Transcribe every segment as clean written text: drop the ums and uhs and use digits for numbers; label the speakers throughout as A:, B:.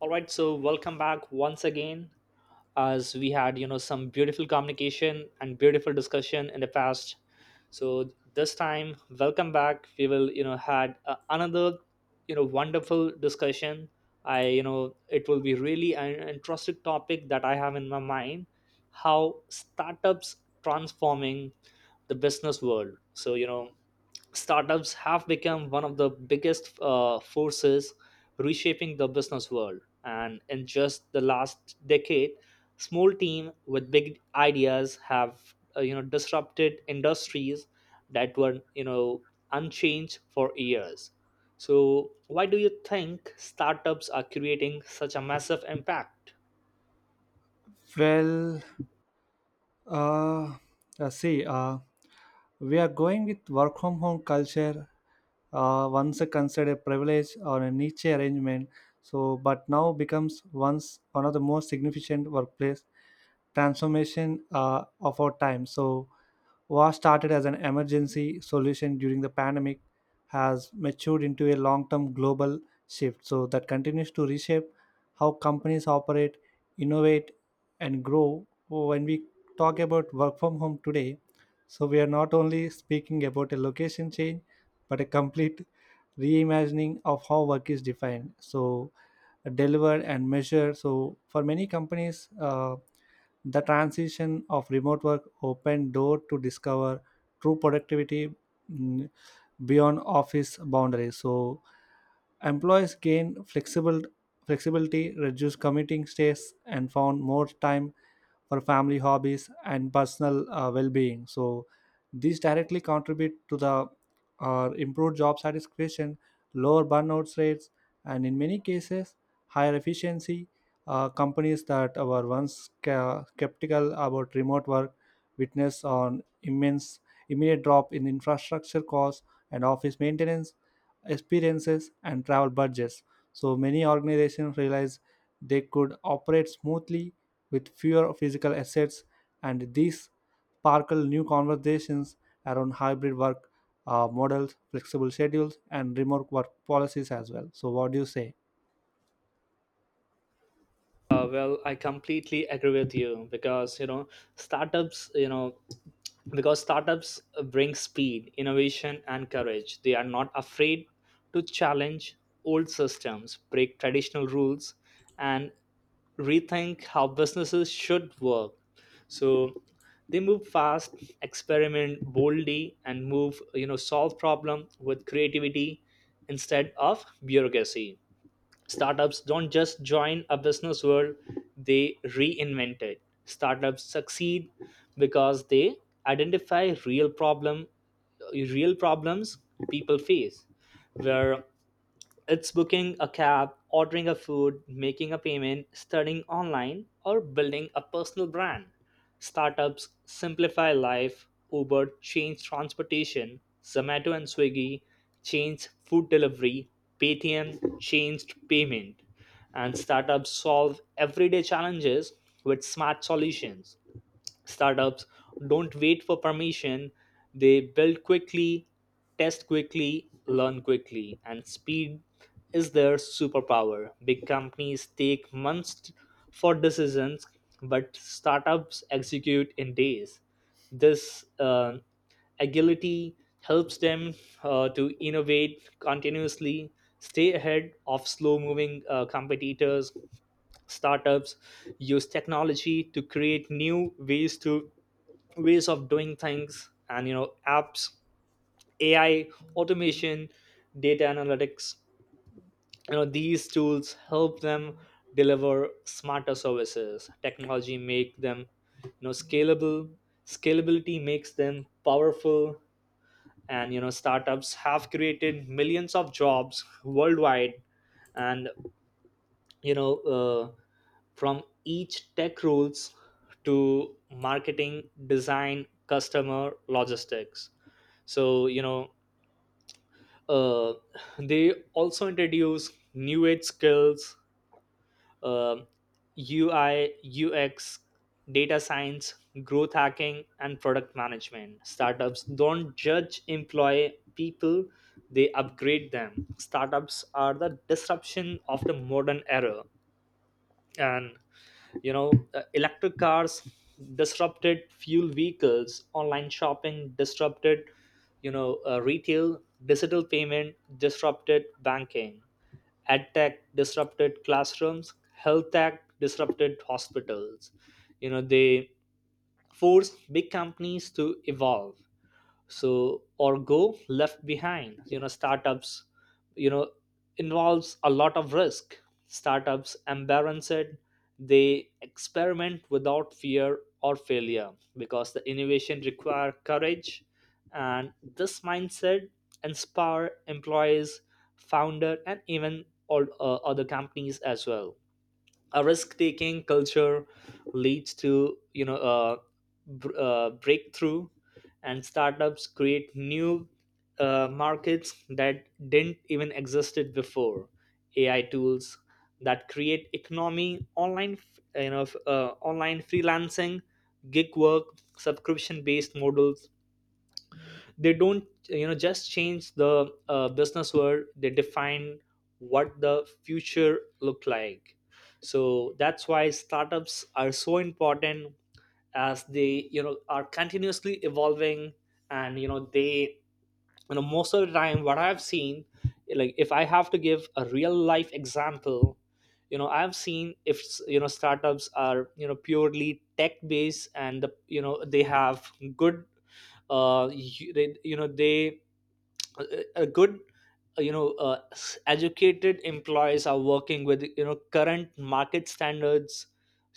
A: All right, so welcome back once again as we had, some beautiful communication and beautiful discussion in the past. So this time, welcome back. We will, had another, wonderful discussion. It will be really an interesting topic that I have in my mind, how startups transforming the business world. So, startups have become one of the biggest forces reshaping the business world. And in just the last decade, small team with big ideas have disrupted industries that were unchanged for years. So why do you think startups are creating such a massive impact?
B: Well, uh, uh, see, uh, we are going with work from home culture. Once considered a privilege or a niche arrangement, so but now becomes once one of the most significant workplace transformation of our time. So what started as an emergency solution during the pandemic has matured into a long-term global shift, so that continues to reshape how companies operate, innovate, and grow. When we talk about work from home today, so we are not only speaking about a location change, but a complete reimagining of how work is defined. So, delivered and measured. So, for many companies, the transition of remote work opened door to discover true productivity mm, beyond office boundaries. So, employees gain flexible flexibility, reduce commuting stays, and found more time for family hobbies and personal well-being, so these directly contribute to the improved job satisfaction, lower burnout rates, and in many cases higher efficiency. Companies that were once skeptical about remote work witness an immense immediate drop in infrastructure costs and office maintenance, experiences and travel budgets. So many organizations realized they could operate smoothly with fewer physical assets, and these sparkle new conversations around hybrid work models, flexible schedules, and remote work policies as well. So, what do you say?
A: Well, I completely agree with you because startups, you know, startups bring speed, innovation, and courage. They are not afraid to challenge old systems, break traditional rules, and rethink how businesses should work. So they move fast, experiment boldly, and move you know solve problem with creativity instead of bureaucracy. Startups don't just join a business world, they reinvent it. Startups succeed because they identify real problem real problems people face where it's booking a cab, ordering a food, making a payment, studying online, or building a personal brand. Startups simplify life. Uber changed transportation, Zomato and Swiggy changed food delivery, Paytm changed payment, and startups solve everyday challenges with smart solutions. Startups don't wait for permission, they build quickly, test quickly, learn quickly, and speed is their superpower. Big companies take months for decisions, but startups execute in days. This agility helps them to innovate continuously, stay ahead of slow moving competitors. Startups use technology to create new ways to ways of doing things, and apps, AI, automation, data analytics. These tools help them deliver smarter services. Technology make them scalable. Scalability makes them powerful, and startups have created millions of jobs worldwide, and you know uh, from each tech rules to marketing design customer logistics. So uh, they also introduce new age skills, um UI, UX, data science, growth hacking, and product management. Startups don't judge employ people, they upgrade them. Startups are the disruption of the modern era, and electric cars disrupted fuel vehicles, online shopping disrupted retail, digital payment disrupted banking, edtech disrupted classrooms, health tech disrupted hospitals. You know they forced big companies to evolve so or go left behind. Startups you know involves a lot of risk. Startups embarrass it, they experiment without fear or failure because the innovation require courage, and this mindset inspire employees, founder, and even all other companies as well. A risk-taking culture leads to a breakthrough, and startups create new markets that didn't even existed before. AI tools that create economy online, online freelancing, gig work, subscription based models. They don't just change the business world, they define what the future look like. So that's why startups are so important, as they are continuously evolving. And you know they you know most of the time what I've seen, like if I have to give a real life example, I've seen if startups are purely tech based and the, you know they have good you, they, you know they a a good educated employees are working with current market standards,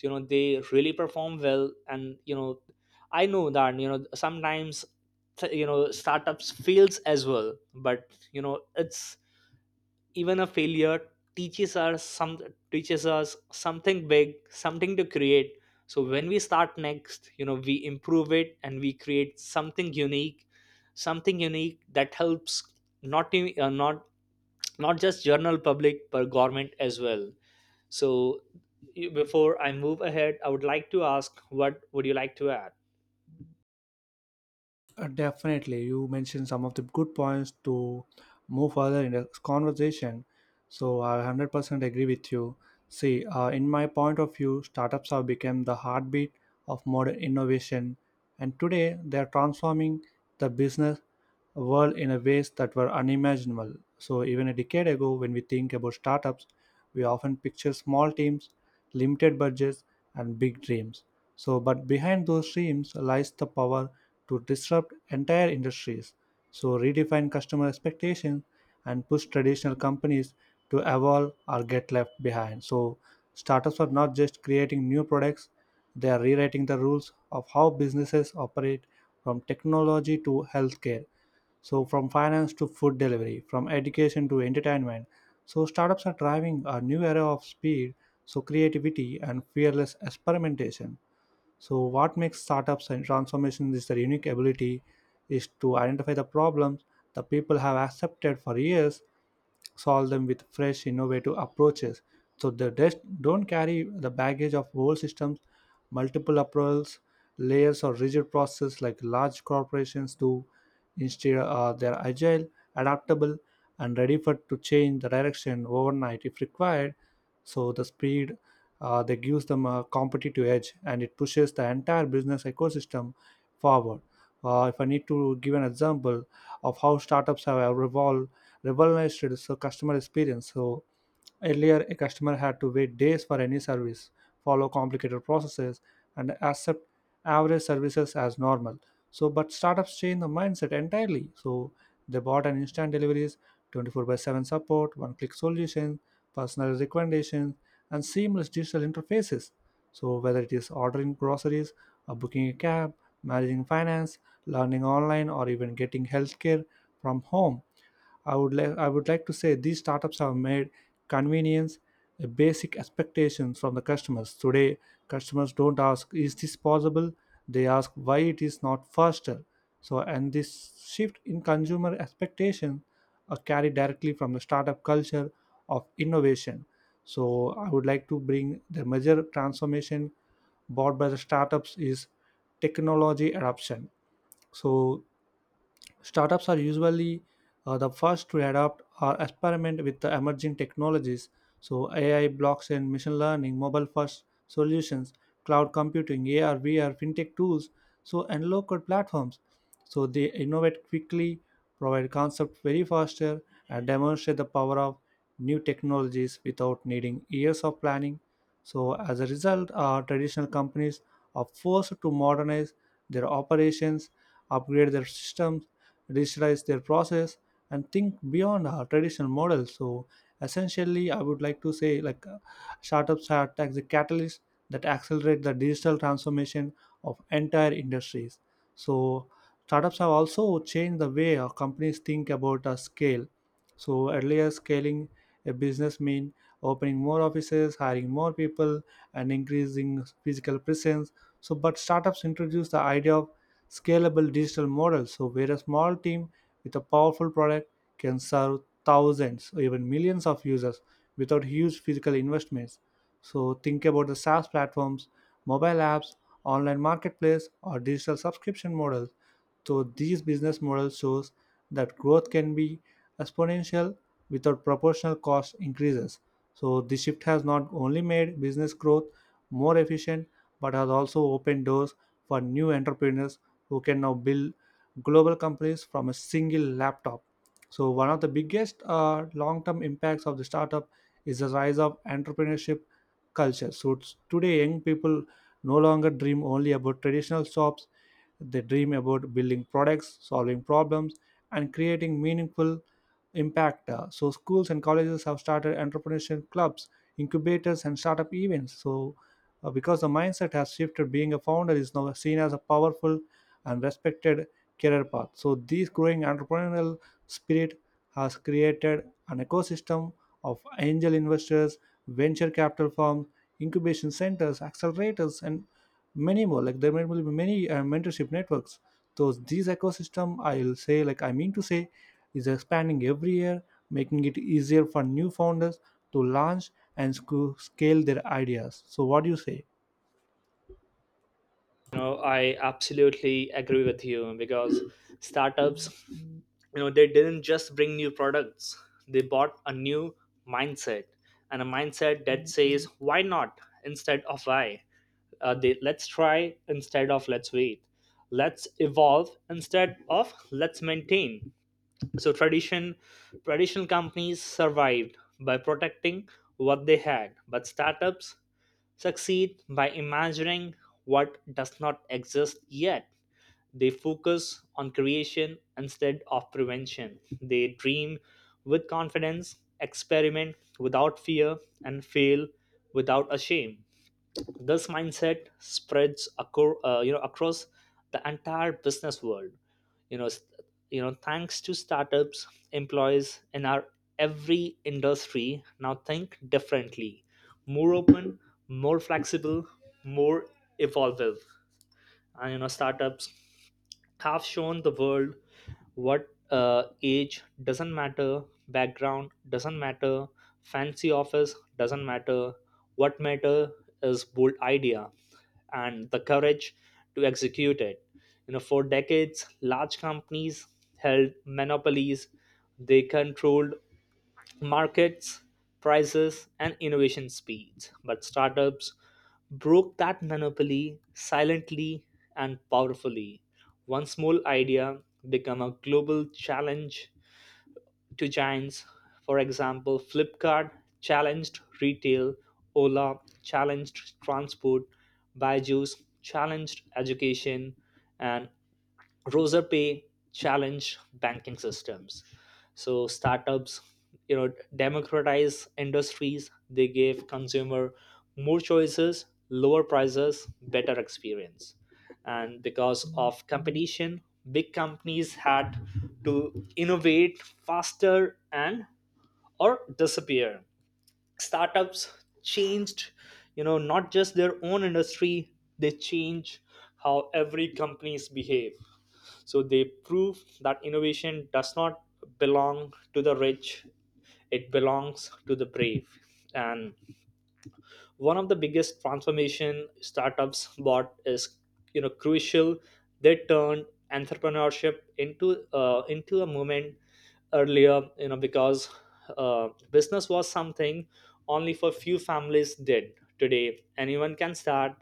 A: they really perform well. And I know that sometimes startups fails as well, but it's even a failure teaches us some teaches us something big, something to create. So when we start next, we improve it and we create something unique, something unique that helps not in- not not just general public but government as well. So before I move ahead I would like to ask, what would you like to add?
B: Definitely, you mentioned some of the good points to move further in the conversation. So I 100% agree with you. See, in my point of view, startups have become the heartbeat of modern innovation, and today they are transforming the business world in a ways that were unimaginable. So even a decade ago, when we think about startups, we often picture small teams, limited budgets, and big dreams. So, but behind those dreams lies the power to disrupt entire industries, so redefine customer expectations and push traditional companies to evolve or get left behind. So, startups are not just creating new products, they are rewriting the rules of how businesses operate from technology to healthcare. So, from finance to food delivery, from education to entertainment. So, startups are driving a new era of speed, so creativity and fearless experimentation. So, what makes startups and transformation is their unique ability is to identify the problems the people have accepted for years, solve them with fresh, innovative approaches. So they just don't carry the baggage of old systems, multiple approvals, layers, or rigid processes like large corporations do. Instead, they are agile, adaptable, and ready for to change the direction overnight if required. So the speed, that gives them a competitive edge and it pushes the entire business ecosystem forward. If I need to give an example of how startups have revolutionized the customer experience, so earlier, a customer had to wait days for any service, follow complicated processes, and accept average services as normal. So, but startups change the mindset entirely. So, they bought an instant deliveries, 24 by 7 support, one click solution, personalized recommendations, and seamless digital interfaces. So, whether it is ordering groceries, or booking a cab, managing finance, learning online, or even getting healthcare from home, I would like to say these startups have made convenience a basic expectation from the customers. Today, customers don't ask, is this possible? They ask why it is not faster. So and this shift in consumer expectation are carried directly from the startup culture of innovation. So I would like to bring the major transformation brought by the startups is technology adoption. So startups are usually the first to adapt or experiment with the emerging technologies. So, AI, blockchain, machine learning, mobile first solutions, cloud computing, AR, VR, fintech tools, so and low code platforms. So, they innovate quickly, provide concepts very faster, and demonstrate the power of new technologies without needing years of planning. So, as a result, our traditional companies are forced to modernize their operations, upgrade their systems, digitize their process, and think beyond our traditional models. So essentially I would like to say like, startups are like the catalyst that accelerate the digital transformation of entire industries. So startups have also changed the way our companies think about a scale. So earlier scaling a business mean opening more offices, hiring more people, and increasing physical presence. So but startups introduce the idea of scalable digital model. So, where a small team with a powerful product can serve thousands or even millions of users without huge physical investments. So, think about the SaaS platforms, mobile apps, online marketplace, or digital subscription models. So, these business models shows that growth can be exponential without proportional cost increases. So, this shift has not only made business growth more efficient, but has also opened doors for new entrepreneurs who can now build global companies from a single laptop. So, one of the biggest long term impacts of the startup is the rise of entrepreneurship culture. So, today, young people no longer dream only about traditional jobs, they dream about building products, solving problems, and creating meaningful impact. So, schools and colleges have started entrepreneurship clubs, incubators, and startup events. So, because the mindset has shifted, being a founder is now seen as a powerful and respected career path. So this growing entrepreneurial spirit has created an ecosystem of angel investors, venture capital firms, incubation centers, accelerators, and many more, like there will be many mentorship networks. So these ecosystem, I'll say, like I mean to say, is expanding every year, making it easier for new founders to launch and scale their ideas. So what do you say?
A: No, I absolutely agree with you because startups, they didn't just bring new products, they bought a new mindset, and a mindset that says why not instead of why. Let's try instead of let's wait, let's evolve instead of let's maintain. So traditional companies survived by protecting what they had, but startups succeed by imagining what does not exist yet. They focus on creation instead of prevention. They dream with confidence, experiment without fear, and fail without a shame. This mindset spreads across the entire business world. You know, st- thanks to startups, employees in our every industry now think differently, more open, more flexible, more evolving. And startups have shown the world what age doesn't matter, background doesn't matter, fancy office doesn't matter. What matter is bold idea and the courage to execute it. For decades, large companies held monopolies. They controlled markets, prices, and innovation speeds. But startups broke that monopoly silently and powerfully. One small idea became a global challenge to giants. For example, Flipkart challenged retail, Ola challenged transport, Byju's challenged education, and Roser Pay challenge banking systems. So startups, democratize industries. They give consumer more choices, lower prices, better experience. And because of competition, big companies had to innovate faster and or disappear. Startups changed, not just their own industry, they change how every companies behave. So they prove that innovation does not belong to the rich, it belongs to the brave. And one of the biggest transformation startups bought is crucial: they turned entrepreneurship into a movement. Earlier, you know because business was something only for few families did. Today anyone can start: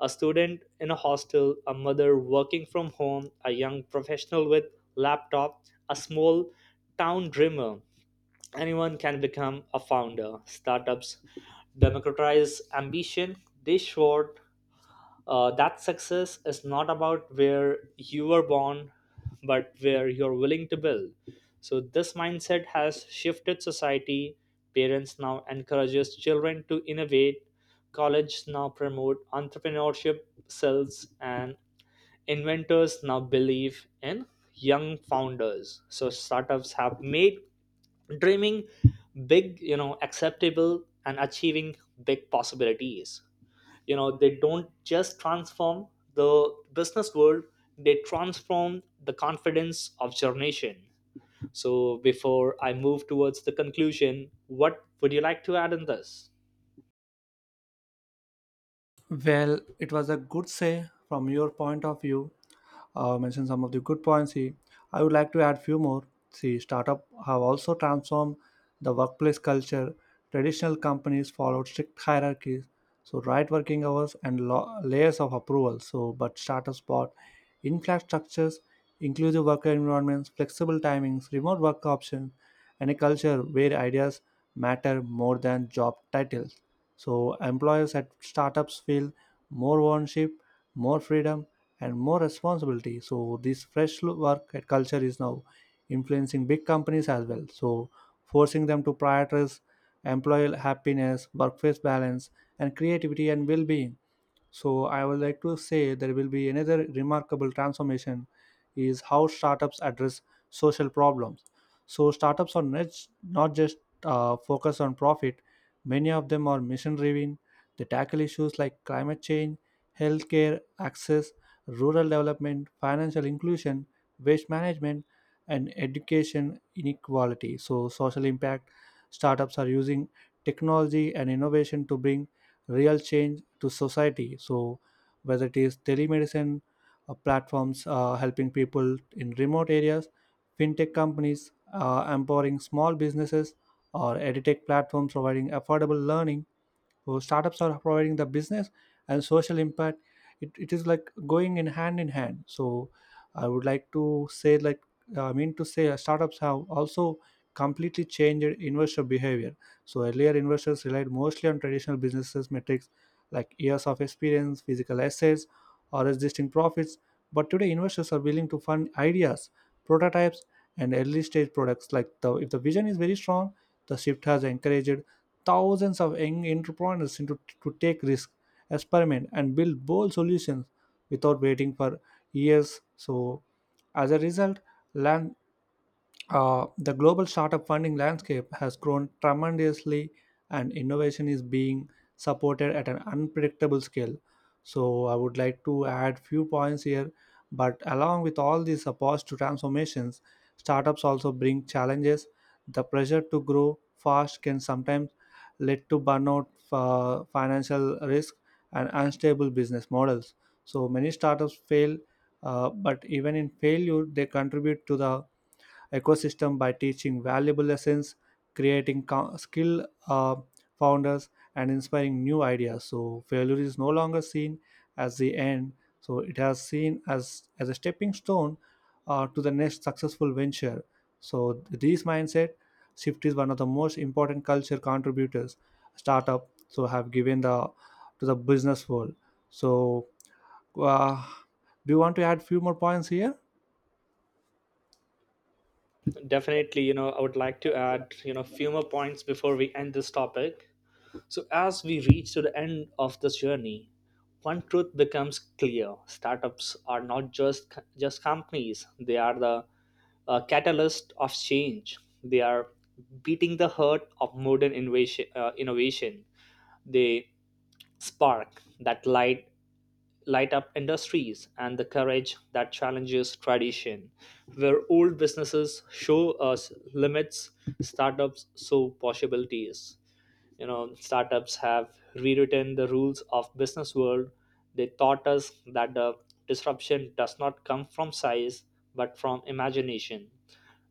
A: a student in a hostel, a mother working from home, a young professional with laptop, a small town dreamer. Anyone can become a founder. Startups democratize ambition. They showed that success is not about where you were born, but where you're willing to build. So this mindset has shifted society. Parents now encourages children to innovate. Colleges now promote entrepreneurship skills, and inventors now believe in young founders. So startups have made dreaming big acceptable and achieving big possibilities. They don't just transform the business world, they transform the confidence of your nation. So before I move towards the conclusion, what would you like to add in this?
B: Well, it was a good say from your point of view. Mentioned some of the good points. He, I would like to add few more. See, startup have also transformed the workplace culture. Traditional companies followed strict hierarchies, so right working hours and layers of approval. So, but startups brought in-flat structures, inclusive worker environments, flexible timings, remote work options, and a culture where ideas matter more than job titles. So employers at startups feel more ownership, more freedom, and more responsibility. So this fresh work culture is now influencing big companies as well, so forcing them to prioritize employee happiness, workplace balance, and creativity and well-being. So I would like to say there will be another remarkable transformation is how startups address social problems. So startups are not just focused on profit. Many of them are mission-driven. They tackle issues like climate change, healthcare access, rural development, financial inclusion, waste management, and education inequality. So social impact. Startups are using technology and innovation to bring real change to society. So whether it is telemedicine platforms helping people in remote areas, fintech companies empowering small businesses, or edtech platforms providing affordable learning, so startups are providing the business and social impact. It is like going in hand in hand. So I would like to say like, I mean to say, startups have also completely changed investor behavior. So earlier investors relied mostly on traditional businesses metrics like years of experience, physical assets, or existing profits, but today investors are willing to fund ideas, prototypes, and early stage products. Like the, if the vision is very strong, the shift has encouraged thousands of young entrepreneurs into, to take risks, experiment, and build bold solutions without waiting for years. So, as a result, land the global startup funding landscape has grown tremendously, and innovation is being supported at an unpredictable scale. So, I would like to add few points here. But along with all these supports to transformations, startups also bring challenges. The pressure to grow fast can sometimes lead to burnout, financial risk, and unstable business models. So many startups fail, but even in failure, they contribute to the ecosystem by teaching valuable lessons, creating skill founders, and inspiring new ideas. So failure is no longer seen as the end. So it has seen as a stepping stone to the next successful venture. So this mindset shift is one of the most important culture contributors startup so have given the to the business world. So uh, do you want to add few more points here?
A: Definitely, I would like to add few more points before we end this topic. So, as we reach to the end of this journey, one truth becomes clear: startups are not just companies; they are the catalyst of change. They are beating the heart of modern innovation. They spark that light light up industries and the courage that challenges tradition. Where old businesses show us limits, startups show possibilities. Startups have rewritten the rules of business world. They taught us that the disruption does not come from size but from imagination,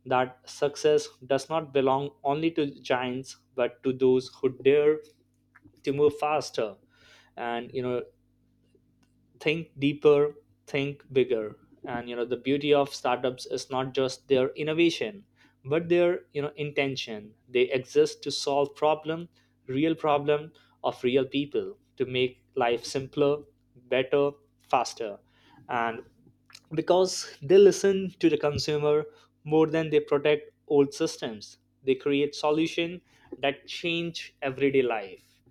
A: that success does not belong only to giants but to those who dare to move faster and think deeper, think bigger. And the beauty of startups is not just their innovation but their intention. They exist to solve problem, real problem of real people, to make life simpler, better, faster. And because they listen to the consumer more than they protect old systems, they create solution that change everyday life.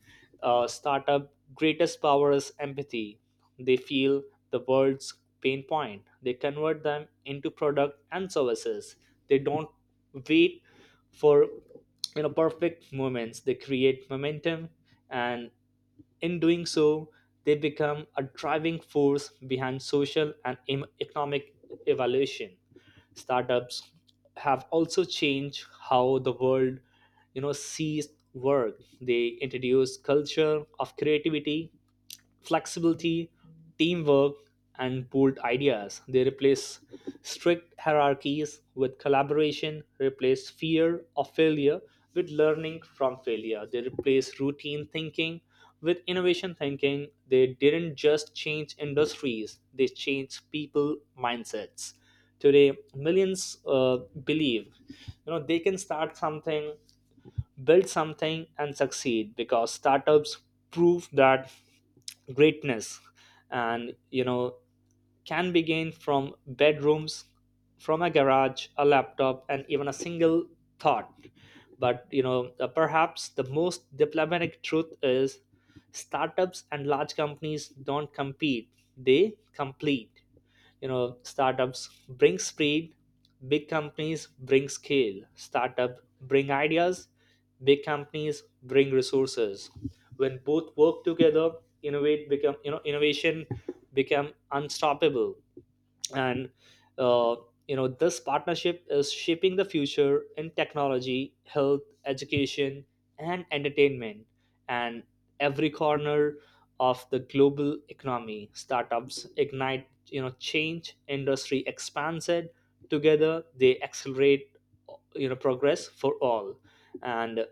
A: Startup greatest power is empathy. They feel the world's pain point, they convert them into product and services. They don't wait for perfect moments, they create momentum. And in doing so they become a driving force behind social and economic evaluation. Startups have also changed how the world sees work. They introduce culture of creativity, flexibility, teamwork, and pooled ideas. They replace strict hierarchies with collaboration, replace fear of failure with learning from failure. They replace routine thinking with innovation thinking. They didn't just change industries, they changed people mindsets. Today, millions believe they can start something, build something, and succeed because startups prove that greatness and you know can be gained from bedrooms, from a garage, a laptop, and even a single thought. But perhaps the most diplomatic truth is startups and large companies don't compete, they complete. You know, startups bring speed, big companies bring scale, startup bring ideas, big companies bring resources. When both work together, innovate become, you know, innovation become unstoppable. And uh, this partnership is shaping the future in technology, health, education, and entertainment, and every corner of the global economy. Startups ignite, you know, change industry expands it, together they accelerate, you know, progress for all. And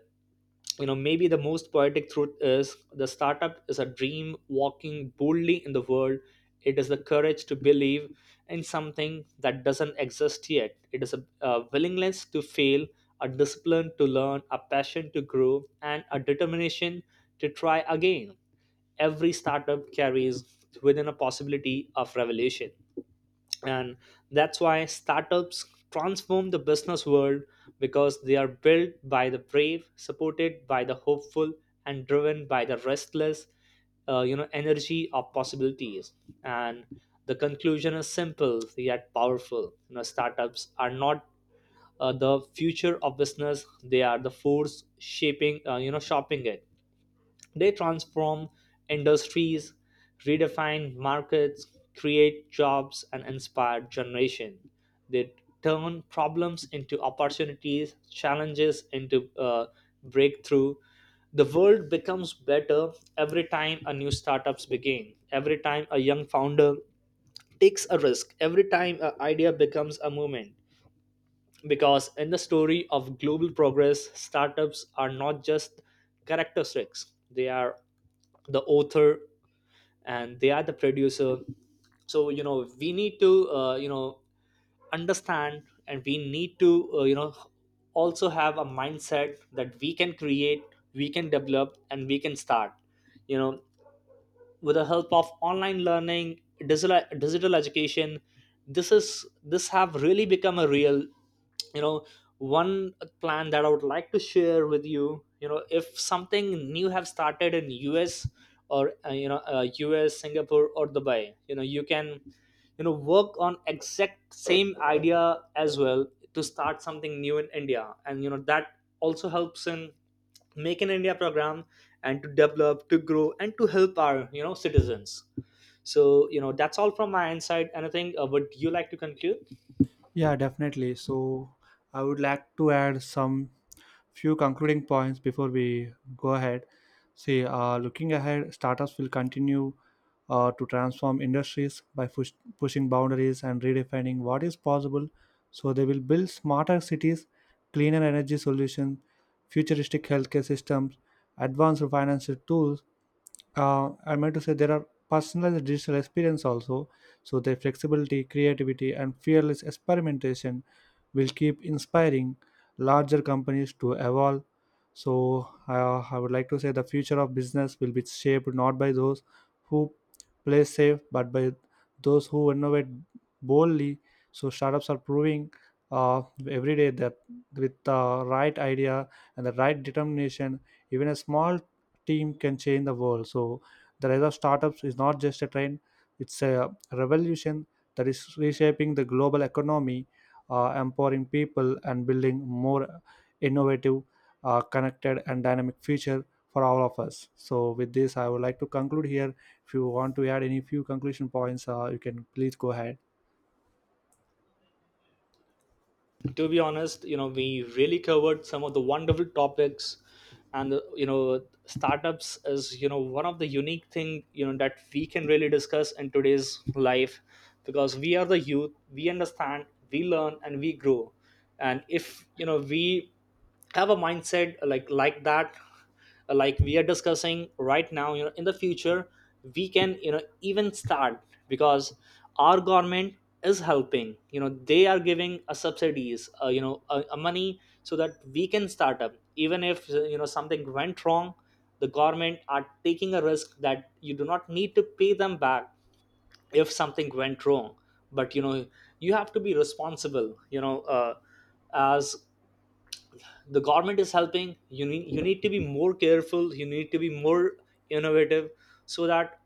A: maybe the most poetic truth is the startup is a dream walking boldly in the world. It is the courage to believe in something that doesn't exist yet. It is a willingness to fail, a discipline to learn, a passion to grow, and a determination to try again. Every startup carries within a possibility of revolution, and that's why startups transform the business world, because they are built by the brave, supported by the hopeful, and driven by the restless energy of possibilities. And the conclusion is simple yet powerful. You know, startups are not the future of business, they are the force shaping, uh, you know, shaping it. They transform industries, redefine markets, create jobs, and inspire generation. They turn problems into opportunities, challenges into breakthrough. The world becomes better every time a new startups begin, every time a young founder takes a risk, every time an idea becomes a movement. Because in the story of global progress, startups are not just characteristics; they are the author, and they are the producer. So we need to understand, and we need to also have a mindset that we can create, we can develop, and we can start, you know with the help of online learning, digital education. This is, this have really become a real, you know, one plan that I would like to share with you. You know, if something new have started in US, or US, Singapore, or Dubai, you can, you know, work on exact same idea as well, to start something new in India, and that also helps in Make in India program, and to develop, to grow, and to help our citizens. So that's all from my inside. Anything would you like to conclude?
B: Yeah, definitely. So I would like to add some few concluding points before we go ahead. See, looking ahead, startups will continue to transform industries by pushing boundaries and redefining what is possible. So they will build smarter cities, cleaner energy solutions, futuristic healthcare systems, advanced financial tools, I meant to say there are personalized digital experience also. So their flexibility, creativity, and fearless experimentation will keep inspiring larger companies to evolve. So I would like to say the future of business will be shaped not by those who play safe, but by those who innovate boldly. So startups are proving uh, every day that with the right idea and the right determination, even a small team can change the world. So the rise of startups is not just a trend; it's a revolution that is reshaping the global economy, empowering people, and building more innovative, connected, and dynamic future for all of us. So with this, I would like to conclude here. If you want to add any few conclusion points, you can please go ahead.
A: To be honest, we really covered some of the wonderful topics, and startups is, you know, one of the unique thing, you know, that we can really discuss in today's life, because we are the youth, we understand, we learn, and we grow. And if we have a mindset like that, like we are discussing right now, in the future, we can, you know, even start, because our government is helping. You know, they are giving a subsidies, a money, so that we can start up, even if something went wrong, the government are taking a risk that you do not need to pay them back if something went wrong. But you have to be responsible, as the government is helping, you need to be more careful, you need to be more innovative, so that,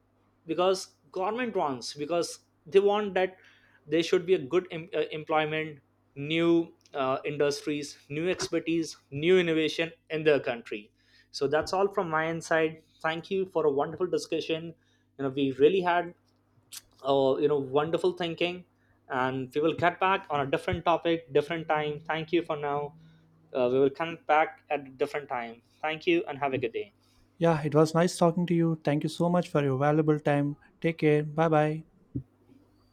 A: because government wants, because they want that there should be a good employment, new industries, new expertise, new innovation in their country. So that's all from my end side. Thank you for a wonderful discussion. You know, we really had wonderful thinking, and we will get back on a different topic, different time. Thank you for now. We will come back at a different time. Thank you and have a good day.
B: Yeah, it was nice talking to you. Thank you so much for your valuable time. Take care. Bye bye.